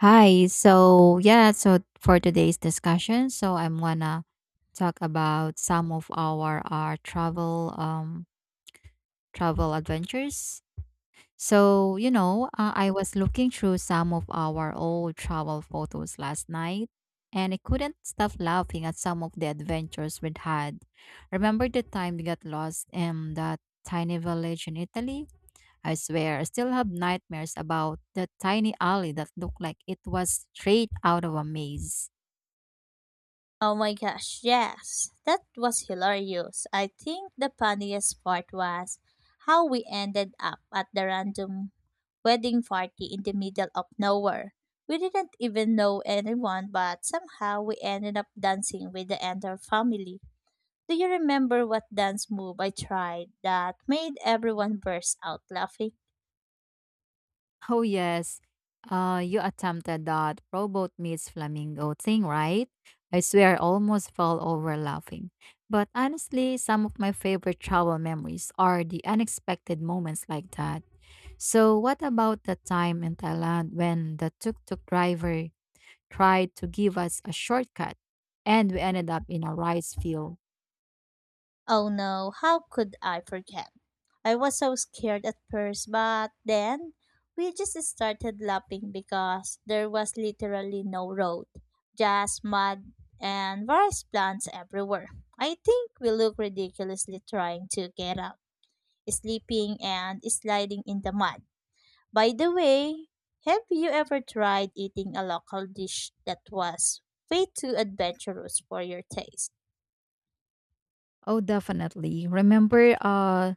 Hi. So, yeah, for today's discussion, I'm gonna talk about some of our travel travel adventures. So, I was looking through some of our old travel photos last night and I couldn't stop laughing at some of the adventures we'd had. Remember the time we got lost in that tiny village in Italy? I swear, I still have nightmares about the tiny alley that looked like it was straight out of a maze. Oh my gosh, yes. That was hilarious. I think the funniest part was how we ended up at the random wedding party in the middle of nowhere. We didn't even know anyone, but somehow we ended up dancing with the entire family. Do you remember what dance move I tried that made everyone burst out laughing? Oh, yes. You attempted that robot meets flamingo thing, right? I swear, I almost fell over laughing. But honestly, some of my favorite travel memories are the unexpected moments like that. So, what about the time in Thailand when the tuk tuk driver tried to give us a shortcut and we ended up in a rice field? Oh no, how could I forget? I was so scared at first, but then we just started laughing because there was literally no road, just mud and various plants everywhere. I think we look ridiculously trying to get up, sleeping and sliding in the mud. By the way, have you ever tried eating a local dish that was way too adventurous for your taste? Oh, definitely. Remember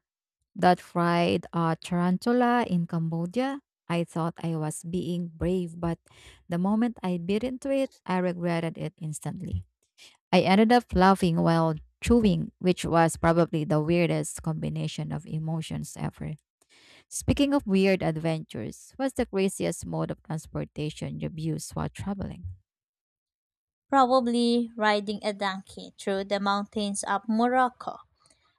that fried tarantula in Cambodia? I thought I was being brave, but the moment I bit into it, I regretted it instantly. I ended up laughing while chewing, which was probably the weirdest combination of emotions ever. Speaking of weird adventures, what's the craziest mode of transportation you've used while traveling? Probably riding a donkey through the mountains of Morocco.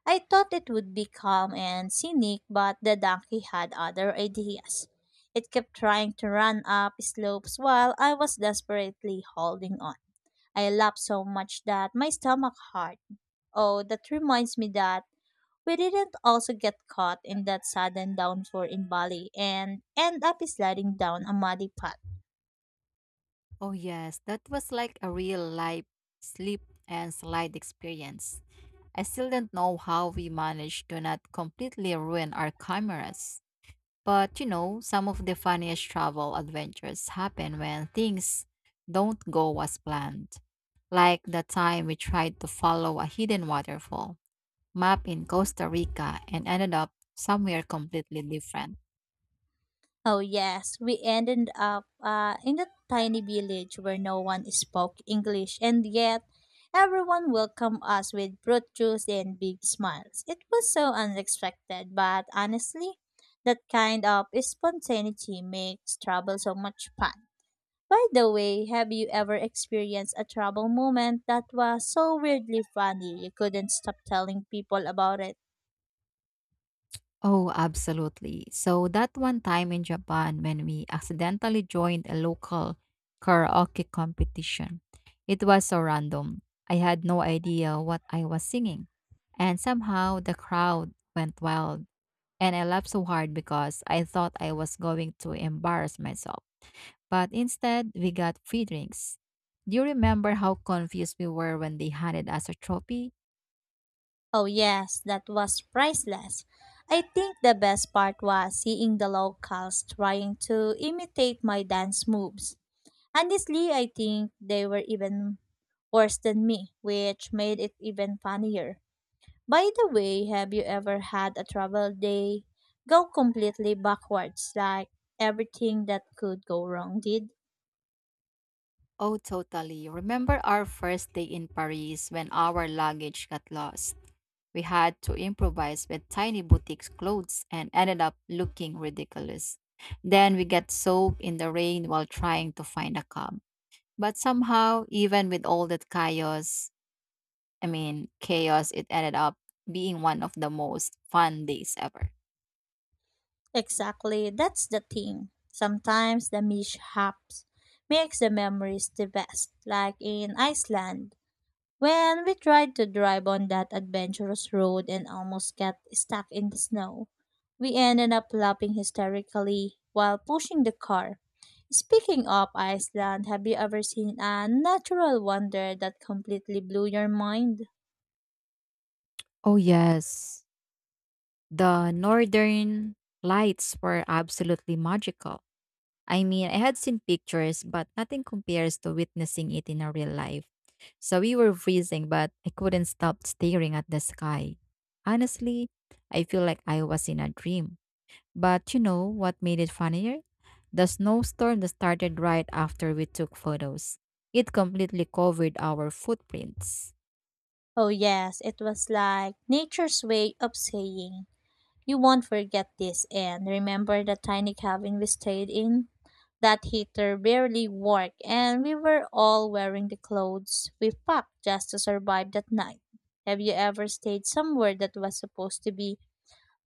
I thought it would be calm and scenic, but the donkey had other ideas. It kept trying to run up slopes while I was desperately holding on. I laughed so much that my stomach hurt. Oh, that reminds me that we didn't also get caught in that sudden downpour in Bali and end up sliding down a muddy path. Oh, yes, that was like a real life slip and slide experience. I still don't know how we managed to not completely ruin our cameras. But you know, some of the funniest travel adventures happen when things don't go as planned. Like the time we tried to follow a hidden waterfall map in Costa Rica and ended up somewhere completely different. Oh, yes. We ended up in a tiny village where no one spoke English, and yet everyone welcomed us with fruit juice and big smiles. It was so unexpected, but honestly, that kind of spontaneity makes travel so much fun. By the way, have you ever experienced a travel moment that was so weirdly funny you couldn't stop telling people about it? Oh, absolutely. So that one time in Japan when we accidentally joined a local karaoke competition, it was so random. I had no idea what I was singing. And somehow the crowd went wild. And I laughed so hard because I thought I was going to embarrass myself. But instead, we got free drinks. Do you remember how confused we were when they handed us a trophy? Oh, yes, that was priceless. I think the best part was seeing the locals trying to imitate my dance moves. Honestly, I think they were even worse than me, which made it even funnier. By the way, have you ever had a travel day go completely backwards, like everything that could go wrong did? Oh, totally. Remember our first day in Paris when our luggage got lost? We had to improvise with tiny boutique clothes and ended up looking ridiculous. Then we got soaked in the rain while trying to find a cab. But somehow, even with all that chaos, I mean, chaos, it ended up being one of the most fun days ever. Exactly, that's the thing. Sometimes the mishaps makes the memories the best, like in Iceland. When we tried to drive on that adventurous road and almost got stuck in the snow, we ended up laughing hysterically while pushing the car. Speaking of Iceland, have you ever seen a natural wonder that completely blew your mind? Oh, yes. The northern lights were absolutely magical. I mean, I had seen pictures, but nothing compares to witnessing it in a real life. So we were freezing, but I couldn't stop staring at the sky. Honestly, I feel like I was in a dream. But you know what made it funnier? The snowstorm that started right after we took photos. It completely covered our footprints. Oh, yes, it was like nature's way of saying, you won't forget this, and remember the tiny cabin we stayed in? That heater barely worked, and we were all wearing the clothes we packed just to survive that night. Have you ever stayed somewhere that was supposed to be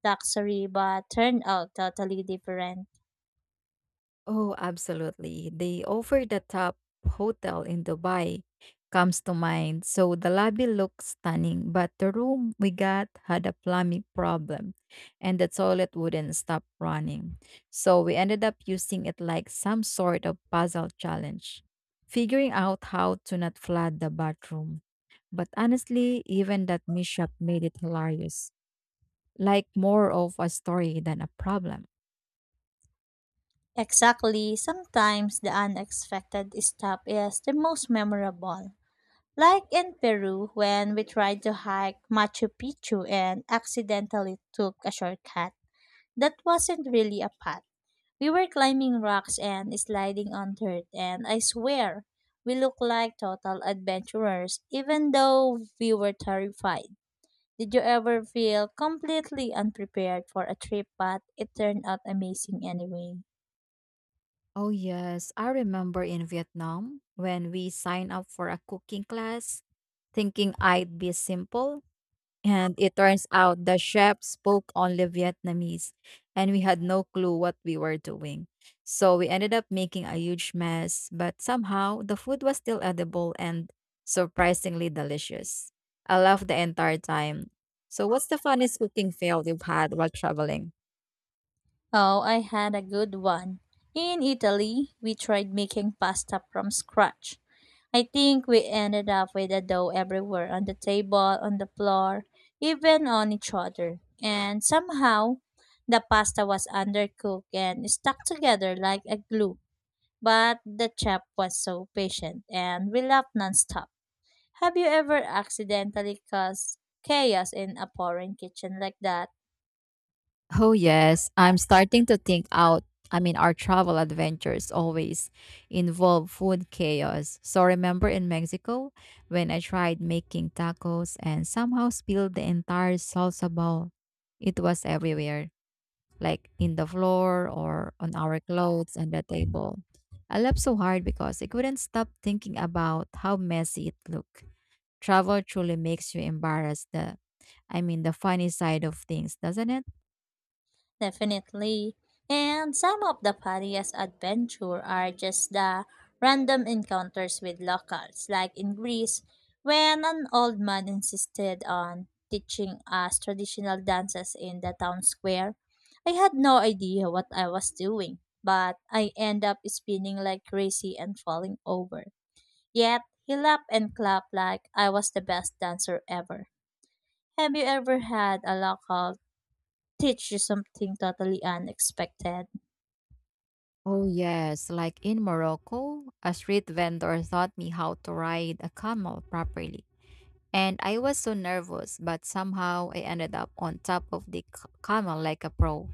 luxury but turned out totally different? Oh, absolutely. The over the top hotel in Dubai comes to mind. So the lobby looked stunning, but the room we got had a plumbing problem and the toilet wouldn't stop running. So we ended up using it like some sort of puzzle challenge, figuring out how to not flood the bathroom. But honestly, even that mishap made it hilarious, like more of a story than a problem. Exactly. Sometimes the unexpected stop is the most memorable. Like in Peru, when we tried to hike Machu Picchu and accidentally took a shortcut. That wasn't really a path. We were climbing rocks and sliding on dirt, and I swear, we looked like total adventurers, even though we were terrified. Did you ever feel completely unprepared for a trip, but it turned out amazing anyway? Oh, yes. I remember in Vietnam when we signed up for a cooking class, thinking I'd be simple. And it turns out the chef spoke only Vietnamese, and we had no clue what we were doing. So we ended up making a huge mess, but somehow the food was still edible and surprisingly delicious. I laughed the entire time. So, what's the funniest cooking fail you've had while traveling? Oh, I had a good one. In Italy, we tried making pasta from scratch. I think we ended up with the dough everywhere on the table, on the floor, even on each other. And somehow, the pasta was undercooked and stuck together like a glue. But the chef was so patient and we laughed nonstop. Have you ever accidentally caused chaos in a foreign kitchen like that? Oh yes, I'm starting to think out. I mean, our travel adventures always involve food chaos. So remember in Mexico when I tried making tacos and somehow spilled the entire salsa bowl? It was everywhere, like in the floor or on our clothes and the table. I laughed so hard because I couldn't stop thinking about how messy it looked. Travel truly makes you embarrassed the I mean the funny side of things, doesn't it? Definitely. And some of the funniest adventure are just the random encounters with locals, like in Greece, when an old man insisted on teaching us traditional dances in the town square. I had no idea what I was doing, but I end up spinning like crazy and falling over. Yet he laughed and clapped like I was the best dancer ever. Have you ever had a local teach you something totally unexpected? Oh, yes. Like in Morocco, a street vendor taught me how to ride a camel properly. And I was so nervous, but somehow I ended up on top of the camel like a pro.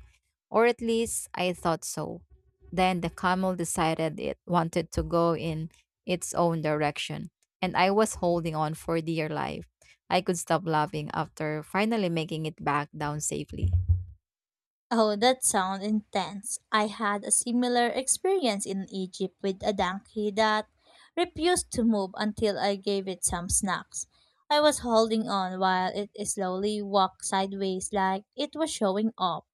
Or at least I thought so. Then the camel decided it wanted to go in its own direction. And I was holding on for dear life. I could stop laughing after finally making it back down safely. Oh, that sounds intense. I had a similar experience in Egypt with a donkey that refused to move until I gave it some snacks. I was holding on while it slowly walked sideways like it was showing off.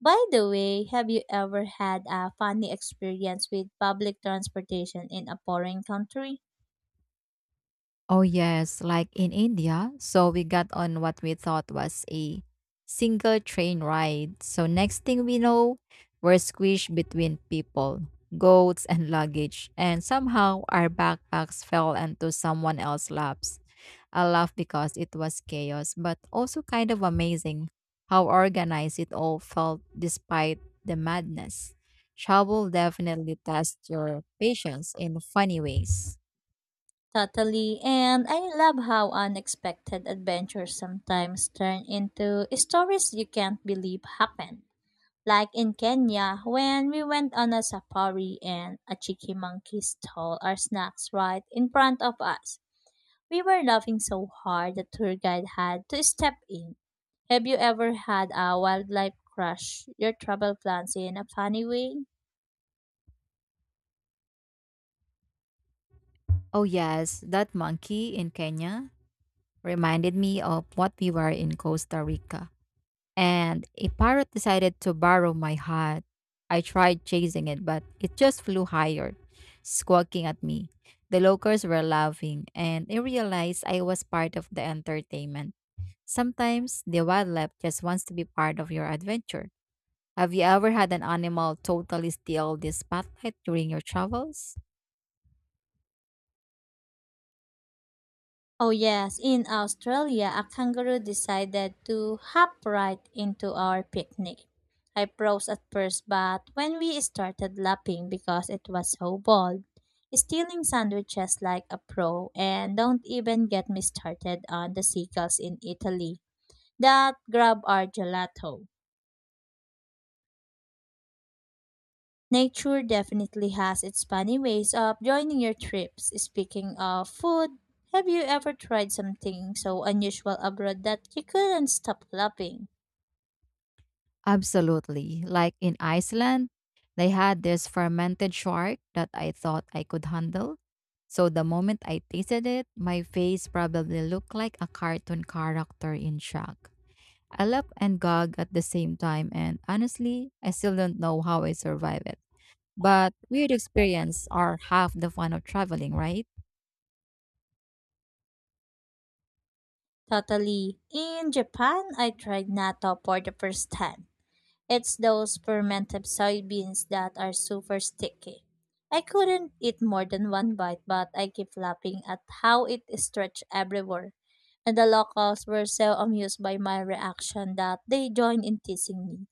By the way, have you ever had a funny experience with public transportation in a foreign country? Oh, yes, like in India. So we got on what we thought was a single train ride. So next thing we know, we're squished between people, goats, and luggage. And somehow our backpacks fell into someone else's laps. I laugh because it was chaos, but also kind of amazing how organized it all felt despite the madness. Travel definitely tests your patience in funny ways. Totally, and I love how unexpected adventures sometimes turn into stories you can't believe happened. Like in Kenya, when we went on a safari and a cheeky monkey stole our snacks right in front of us. We were laughing so hard the tour guide had to step in. Have you ever had a wildlife crush your travel plans in a funny way? Oh, yes, that monkey in Kenya reminded me of what we were in Costa Rica. And a parrot decided to borrow my hat. I tried chasing it, but it just flew higher, squawking at me. The locals were laughing, and I realized I was part of the entertainment. Sometimes the wildlife just wants to be part of your adventure. Have you ever had an animal totally steal the spotlight during your travels? Oh, yes, in Australia, a kangaroo decided to hop right into our picnic. I froze at first, but when we started laughing because it was so bold, stealing sandwiches like a pro, and don't even get me started on the seagulls in Italy that grab our gelato. Nature definitely has its funny ways of joining your trips. Speaking of food, have you ever tried something so unusual abroad that you couldn't stop loving? Absolutely. Like in Iceland, they had this fermented shark that I thought I could handle. So the moment I tasted it, my face probably looked like a cartoon character in shock. I laughed and gagged at the same time, and honestly, I still don't know how I survived it. But weird experiences are half the fun of traveling, right? Totally. In Japan, I tried natto for the first time. It's those fermented soybeans that are super sticky. I couldn't eat more than one bite, but I kept laughing at how it stretched everywhere. And the locals were so amused by my reaction that they joined in teasing me.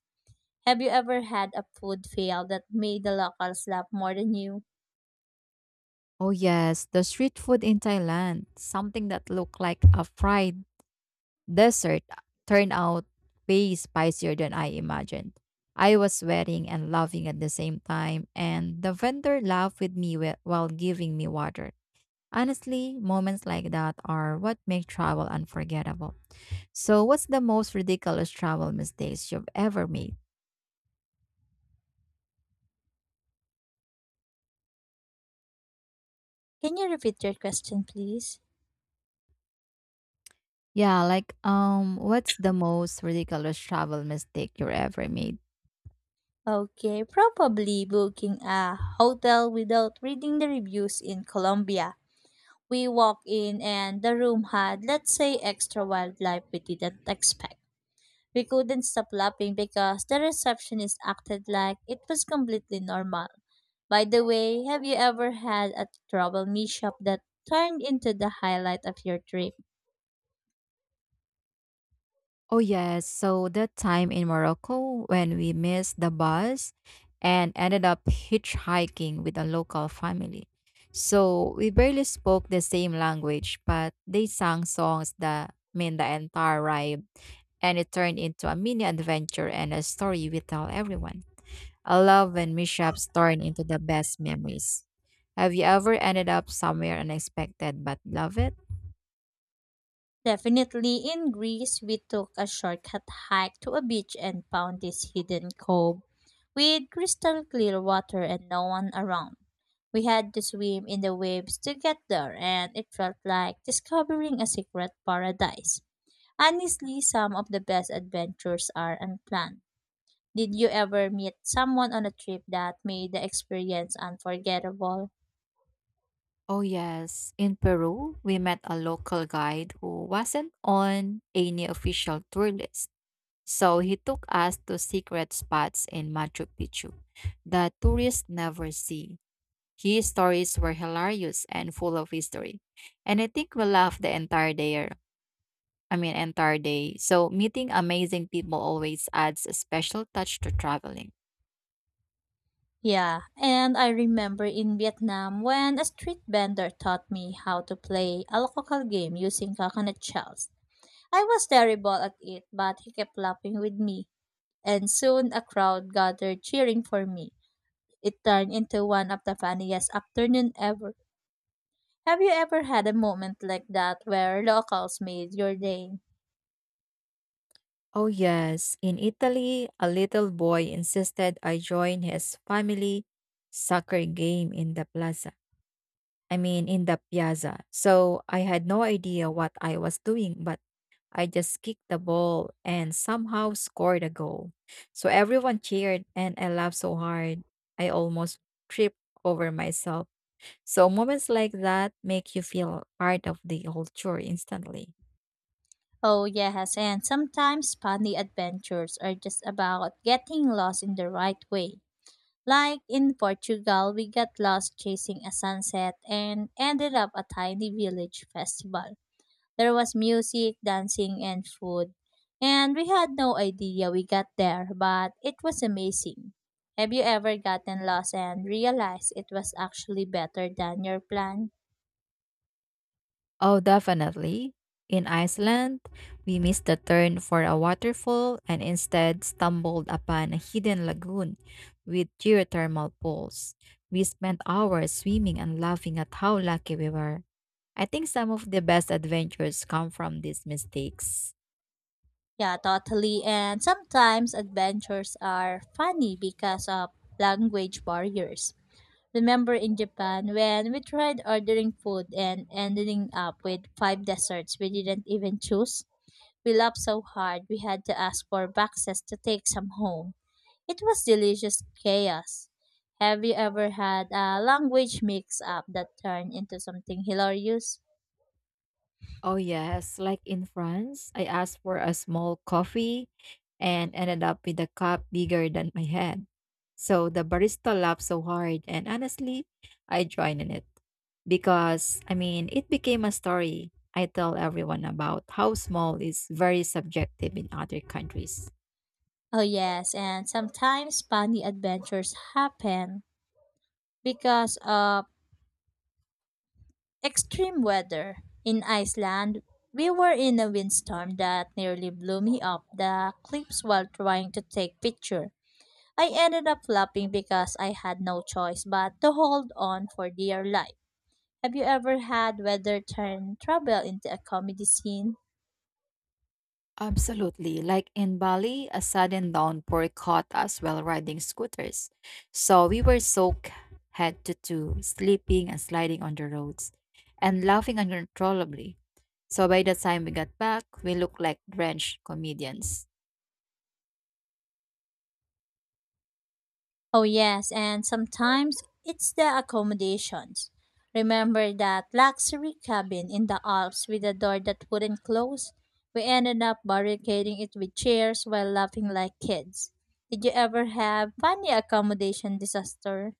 Have you ever had a food fail that made the locals laugh more than you? Oh yes, the street food in Thailand, something that looked like a fried dessert turned out way spicier than I imagined. I was sweating and laughing at the same time, and the vendor laughed with me while giving me water. Honestly, moments like that are what make travel unforgettable. So, what's the most ridiculous travel mistakes you've ever made? Can you repeat your question, please? Yeah, like what's the most ridiculous travel mistake you ever made? Okay, probably booking a hotel without reading the reviews in Colombia. We walked in and the room had, let's say, extra wildlife we didn't expect. We couldn't stop laughing because the receptionist acted like it was completely normal. By the way, have you ever had a trouble mishap that turned into the highlight of your trip? Oh, yes. So that time in Morocco when we missed the bus and ended up hitchhiking with a local family. So we barely spoke the same language, but they sang songs that mean the entire ride. And it turned into a mini adventure and a story we tell everyone. I love when mishaps turn into the best memories. Have you ever ended up somewhere unexpected but love it? Definitely in Greece, we took a shortcut hike to a beach and found this hidden cove with crystal clear water and no one around. We had to swim in the waves to get there, and it felt like discovering a secret paradise. Honestly, some of the best adventures are unplanned. Did you ever meet someone on a trip that made the experience unforgettable? Oh, yes. In Peru, we met a local guide who wasn't on any official tour list. So he took us to secret spots in Machu Picchu that tourists never see. His stories were hilarious and full of history. And I think we laughed the entire day I mean, entire day. So meeting amazing people always adds a special touch to traveling. Yeah, and I remember in Vietnam when a street vendor taught me how to play a local game using coconut shells. I was terrible at it, but he kept laughing with me, and soon a crowd gathered cheering for me. It turned into one of the funniest afternoon ever. Have you ever had a moment like that where locals made your day? Oh, yes. In Italy, a little boy insisted I join his family soccer game in the plaza. I mean, in the piazza. So I had no idea what I was doing, but I just kicked the ball and somehow scored a goal. So everyone cheered, and I laughed so hard, I almost tripped over myself. So moments like that make you feel part of the culture instantly. Oh, yes, and sometimes funny adventures are just about getting lost in the right way. Like in Portugal, we got lost chasing a sunset and ended up a tiny village festival. There was music, dancing, and food. And we had no idea we got there, but it was amazing. Have you ever gotten lost and realized it was actually better than your plan? Oh, definitely. In Iceland, we missed the turn for a waterfall and instead stumbled upon a hidden lagoon with geothermal pools. We spent hours swimming and laughing at how lucky we were. I think some of the best adventures come from these mistakes. Yeah, totally. And sometimes adventures are funny because of language barriers. Remember in Japan when we tried ordering food and ending up with five desserts we didn't even choose? We laughed so hard we had to ask for boxes to take some home. It was delicious chaos. Have you ever had a language mix up that turned into something hilarious? Oh, yes. Like in France, I asked for a small coffee and ended up with a cup bigger than my head. So the barista laughed so hard, and honestly, I joined in it because, I mean, it became a story I tell everyone about how small is very subjective in other countries. Oh, yes, and sometimes funny adventures happen because of extreme weather. In Iceland, we were in a windstorm that nearly blew me up the cliffs while trying to take picture. I ended up flopping because I had no choice but to hold on for dear life. Have you ever had weather turn trouble into a comedy scene? Absolutely. Like in Bali, a sudden downpour caught us while riding scooters. So we were soaked head to toe, sleeping and sliding on the roads and laughing uncontrollably. So by the time we got back, we looked like drenched comedians. Oh, yes, and sometimes it's the accommodations. Remember that luxury cabin in the Alps with a door that wouldn't close? We ended up barricading it with chairs while laughing like kids. Did you ever have funny accommodation disaster?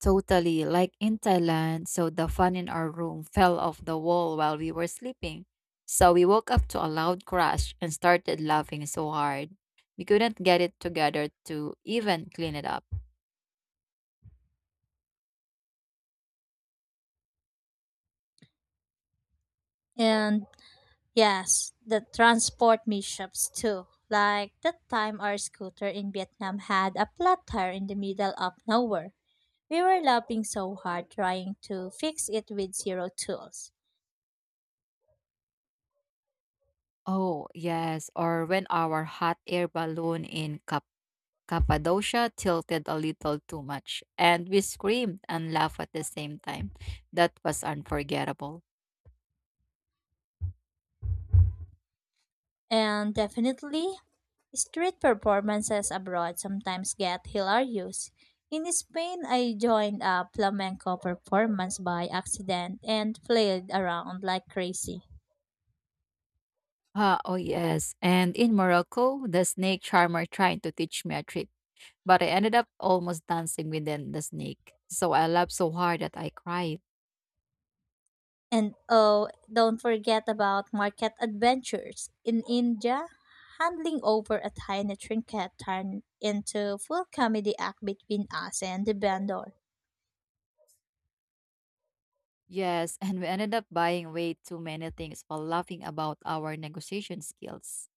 Totally like in Thailand. So the fan in our room fell off the wall while we were sleeping. So we woke up to a loud crash and started laughing so hard. We couldn't get it together to even clean it up. And yes, the transport mishaps too. Like that time our scooter in Vietnam had a flat tire in the middle of nowhere. We were laughing so hard trying to fix it with zero tools. Oh, yes. Or when our hot air balloon in Cappadocia tilted a little too much, and we screamed and laughed at the same time. That was unforgettable. And definitely, street performances abroad sometimes get hilarious. In Spain, I joined a flamenco performance by accident and flailed around like crazy. Ah, oh, yes. And in Morocco, the snake charmer tried to teach me a trick, but I ended up almost dancing with the snake. So I laughed so hard that I cried. And oh, don't forget about market adventures. In India, handling over a tiny trinket turned into full comedy act between us and the vendor. Yes, and we ended up buying way too many things while laughing about our negotiation skills.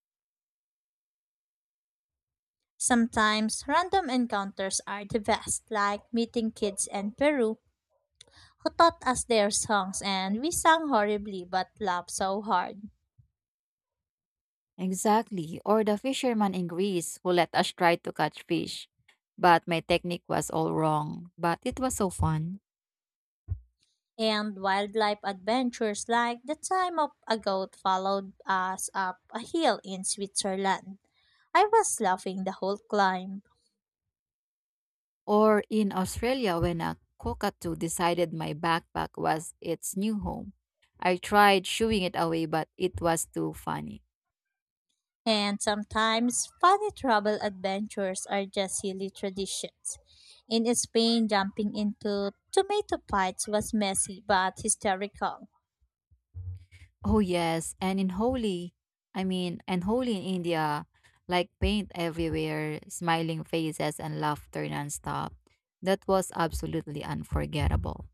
Sometimes random encounters are the best, like meeting kids in Peru who taught us their songs, and we sang horribly but laughed so hard. Exactly. Or the fisherman in Greece who let us try to catch fish, but my technique was all wrong, but it was so fun. And wildlife adventures like the time of a goat followed us up a hill in Switzerland. I was laughing the whole climb. Or in Australia when a cockatoo decided my backpack was its new home. I tried shooing it away, but it was too funny. And sometimes funny travel adventures are just silly traditions. In Spain, jumping into tomato fights was messy but hysterical. Oh yes, and in Holi, and Holi in India, like paint everywhere, smiling faces and laughter nonstop. That was absolutely unforgettable.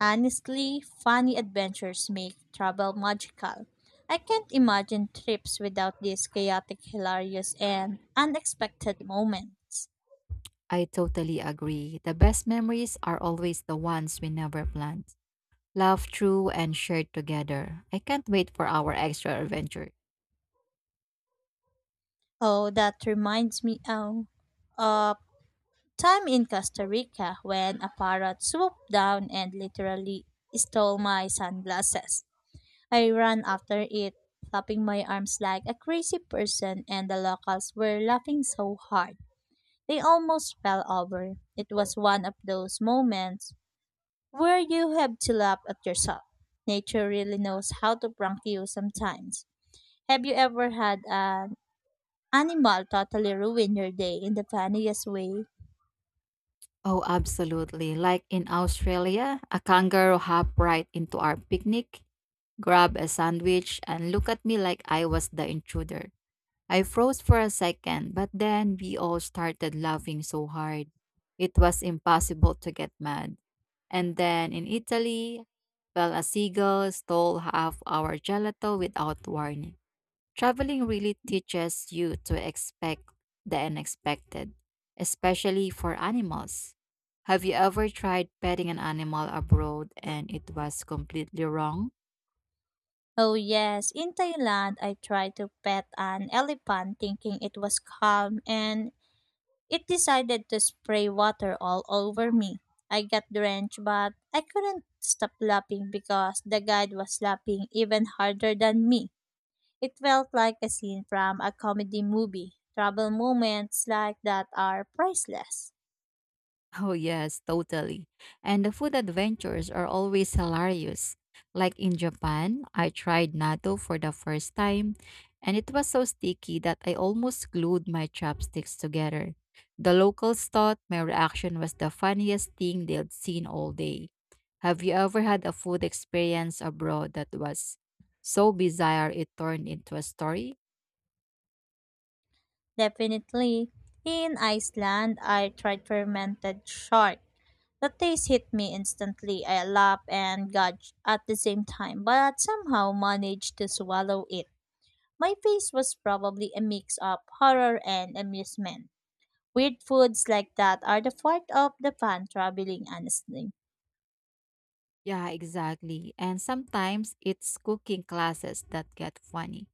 Honestly, funny adventures make travel magical. I can't imagine trips without these chaotic, hilarious, and unexpected moments. I totally agree. The best memories are always the ones we never planned. Laughed through and shared together. I can't wait for our extra adventure. Oh, that reminds me of time in Costa Rica when a parrot swooped down and literally stole my sunglasses. I ran after it, flapping my arms like a crazy person, and the locals were laughing so hard. They almost fell over. It was one of those moments where you have to laugh at yourself. Nature really knows how to prank you sometimes. Have you ever had an animal totally ruin your day in the funniest way? Oh, absolutely. Like in Australia, a kangaroo hopped right into our picnic, grabbed a sandwich, and looked at me like I was the intruder. I froze for a second, but then we all started laughing so hard. It was impossible to get mad. And then in Italy, well, a seagull stole half our gelato without warning. Traveling really teaches you to expect the unexpected, especially for animals. Have you ever tried petting an animal abroad and it was completely wrong? Oh yes, in Thailand I tried to pet an elephant thinking it was calm and it decided to spray water all over me. I got drenched, but I couldn't stop laughing because the guide was laughing even harder than me. It felt like a scene from a comedy movie. Travel moments like that are priceless. Oh, yes, totally. And the food adventures are always hilarious. Like in Japan, I tried natto for the first time, and it was so sticky that I almost glued my chopsticks together. The locals thought my reaction was the funniest thing they'd seen all day. Have you ever had a food experience abroad that was so bizarre it turned into a story? Definitely, in Iceland, I tried fermented shark. The taste hit me instantly. I laughed and gagged at the same time, but somehow managed to swallow it. My face was probably a mix of horror and amusement. Weird foods like that are the part of the fun traveling, honestly. Yeah, exactly. And sometimes it's cooking classes that get funny.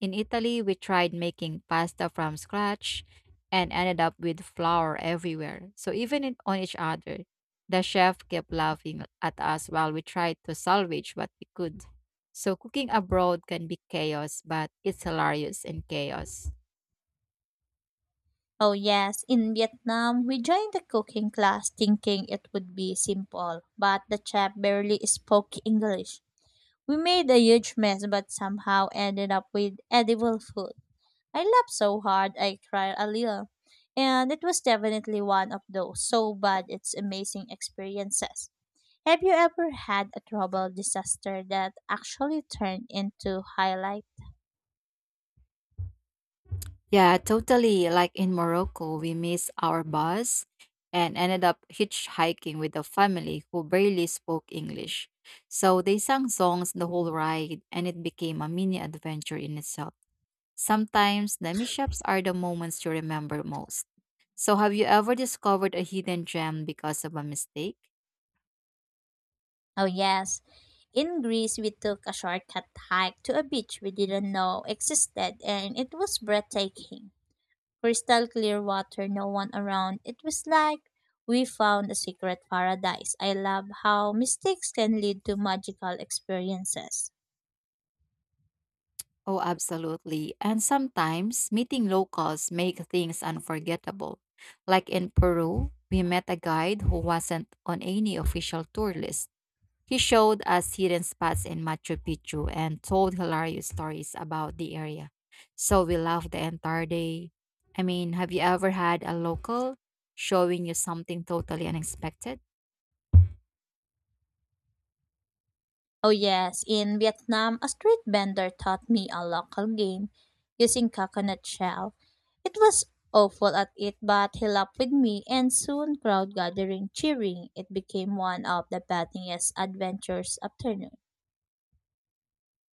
In Italy, we tried making pasta from scratch and ended up with flour everywhere. So even on each other, the chef kept laughing at us while we tried to salvage what we could. So cooking abroad can be chaos, but it's hilarious and chaos. Oh, yes, in Vietnam, we joined the cooking class thinking it would be simple, but the chef barely spoke English. We made a huge mess but somehow ended up with edible food. I laughed so hard I cried a little, and it was definitely one of those so bad it's amazing experiences. Have you ever had a travel disaster that actually turned into highlight? Yeah, totally. Like in Morocco, we missed our bus and ended up hitchhiking with a family who barely spoke English. So they sang songs the whole ride, and it became a mini adventure in itself. Sometimes the mishaps are the moments you remember most. So, have you ever discovered a hidden gem because of a mistake? Oh yes. In Greece, we took a shortcut hike to a beach we didn't know existed and it was breathtaking. Crystal clear water, no one around. It was like we found a secret paradise. I love how mistakes can lead to magical experiences. Oh, absolutely. And sometimes meeting locals make things unforgettable. Like in Peru, we met a guide who wasn't on any official tour list. He showed us hidden spots in Machu Picchu and told hilarious stories about the area. So we laughed the entire day. Have you ever had a local showing you something totally unexpected? Oh, yes. In Vietnam, a street vendor taught me a local game using coconut shell. It was awful at it, but he laughed with me, and soon crowd gathering cheering. It became one of the funniest adventures afternoon.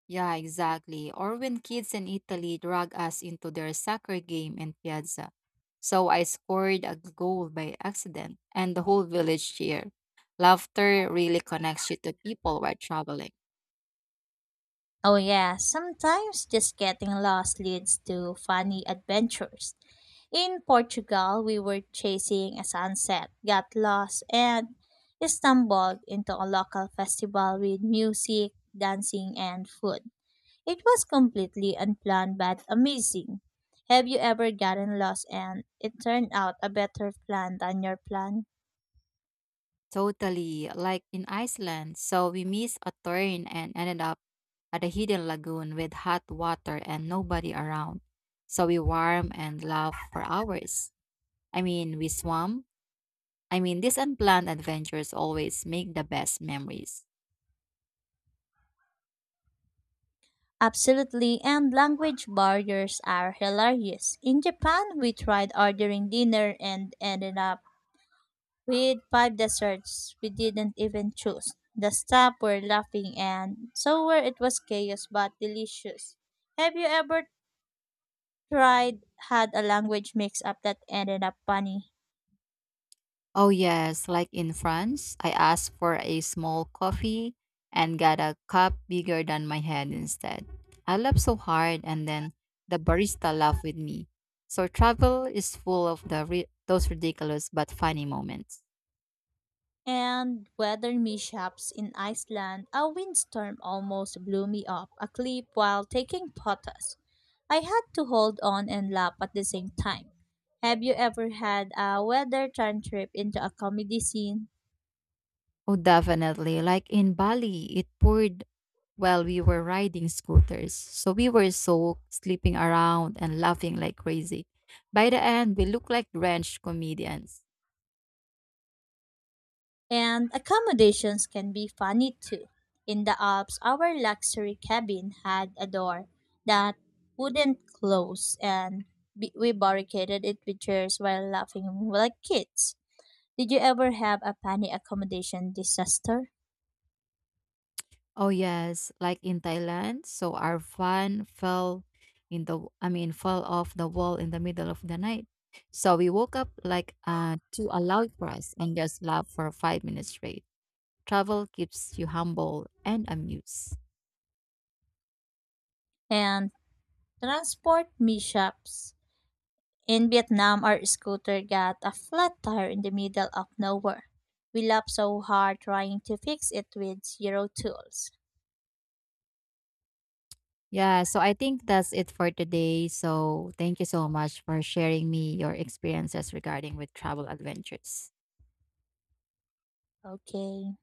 Yeah, exactly. Or when kids in Italy drag us into their soccer game in Piazza. So I scored a goal by accident, and the whole village cheered. Laughter really connects you to people while traveling. Oh yeah, sometimes just getting lost leads to funny adventures. In Portugal, we were chasing a sunset, got lost, and stumbled into a local festival with music, dancing, and food. It was completely unplanned but amazing. Have you ever gotten lost and it turned out a better plan than your plan? Totally, like in Iceland. So we missed a turn and ended up at a hidden lagoon with hot water and nobody around. So we warm and laugh for hours. We swam. These unplanned adventures always make the best memories. Absolutely, and language barriers are hilarious. In Japan, we tried ordering dinner and ended up with 5 desserts we didn't even choose. The staff were laughing, and so were it was chaos but delicious. Have you ever tried had a language mix up that ended up funny? Oh, yes, like in France, I asked for a small coffee and got a cup bigger than my head instead. I laughed so hard, and then the barista laughed with me. So travel is full of those ridiculous but funny moments. And weather mishaps in Iceland, a windstorm almost blew me off a cliff while taking photos. I had to hold on and laugh at the same time. Have you ever had a weather turn trip into a comedy scene? Oh, definitely. Like in Bali, it poured while we were riding scooters. So we were soaked, sleeping around and laughing like crazy. By the end, we looked like drenched comedians. And accommodations can be funny too. In the Alps, our luxury cabin had a door that wouldn't close, and we barricaded it with chairs while laughing like kids. Did you ever have a panic accommodation disaster? Oh yes, like in Thailand, so our van fell in the I mean fell off the wall in the middle of the night. So we woke up like to a loud press and just laughed for 5 minutes straight. Travel keeps you humble and amused. And transport mishaps. In Vietnam, our scooter got a flat tire in the middle of nowhere. We laughed so hard trying to fix it with zero tools. Yeah, so I think that's it for today. So thank you so much for sharing me your experiences regarding with travel adventures. Okay.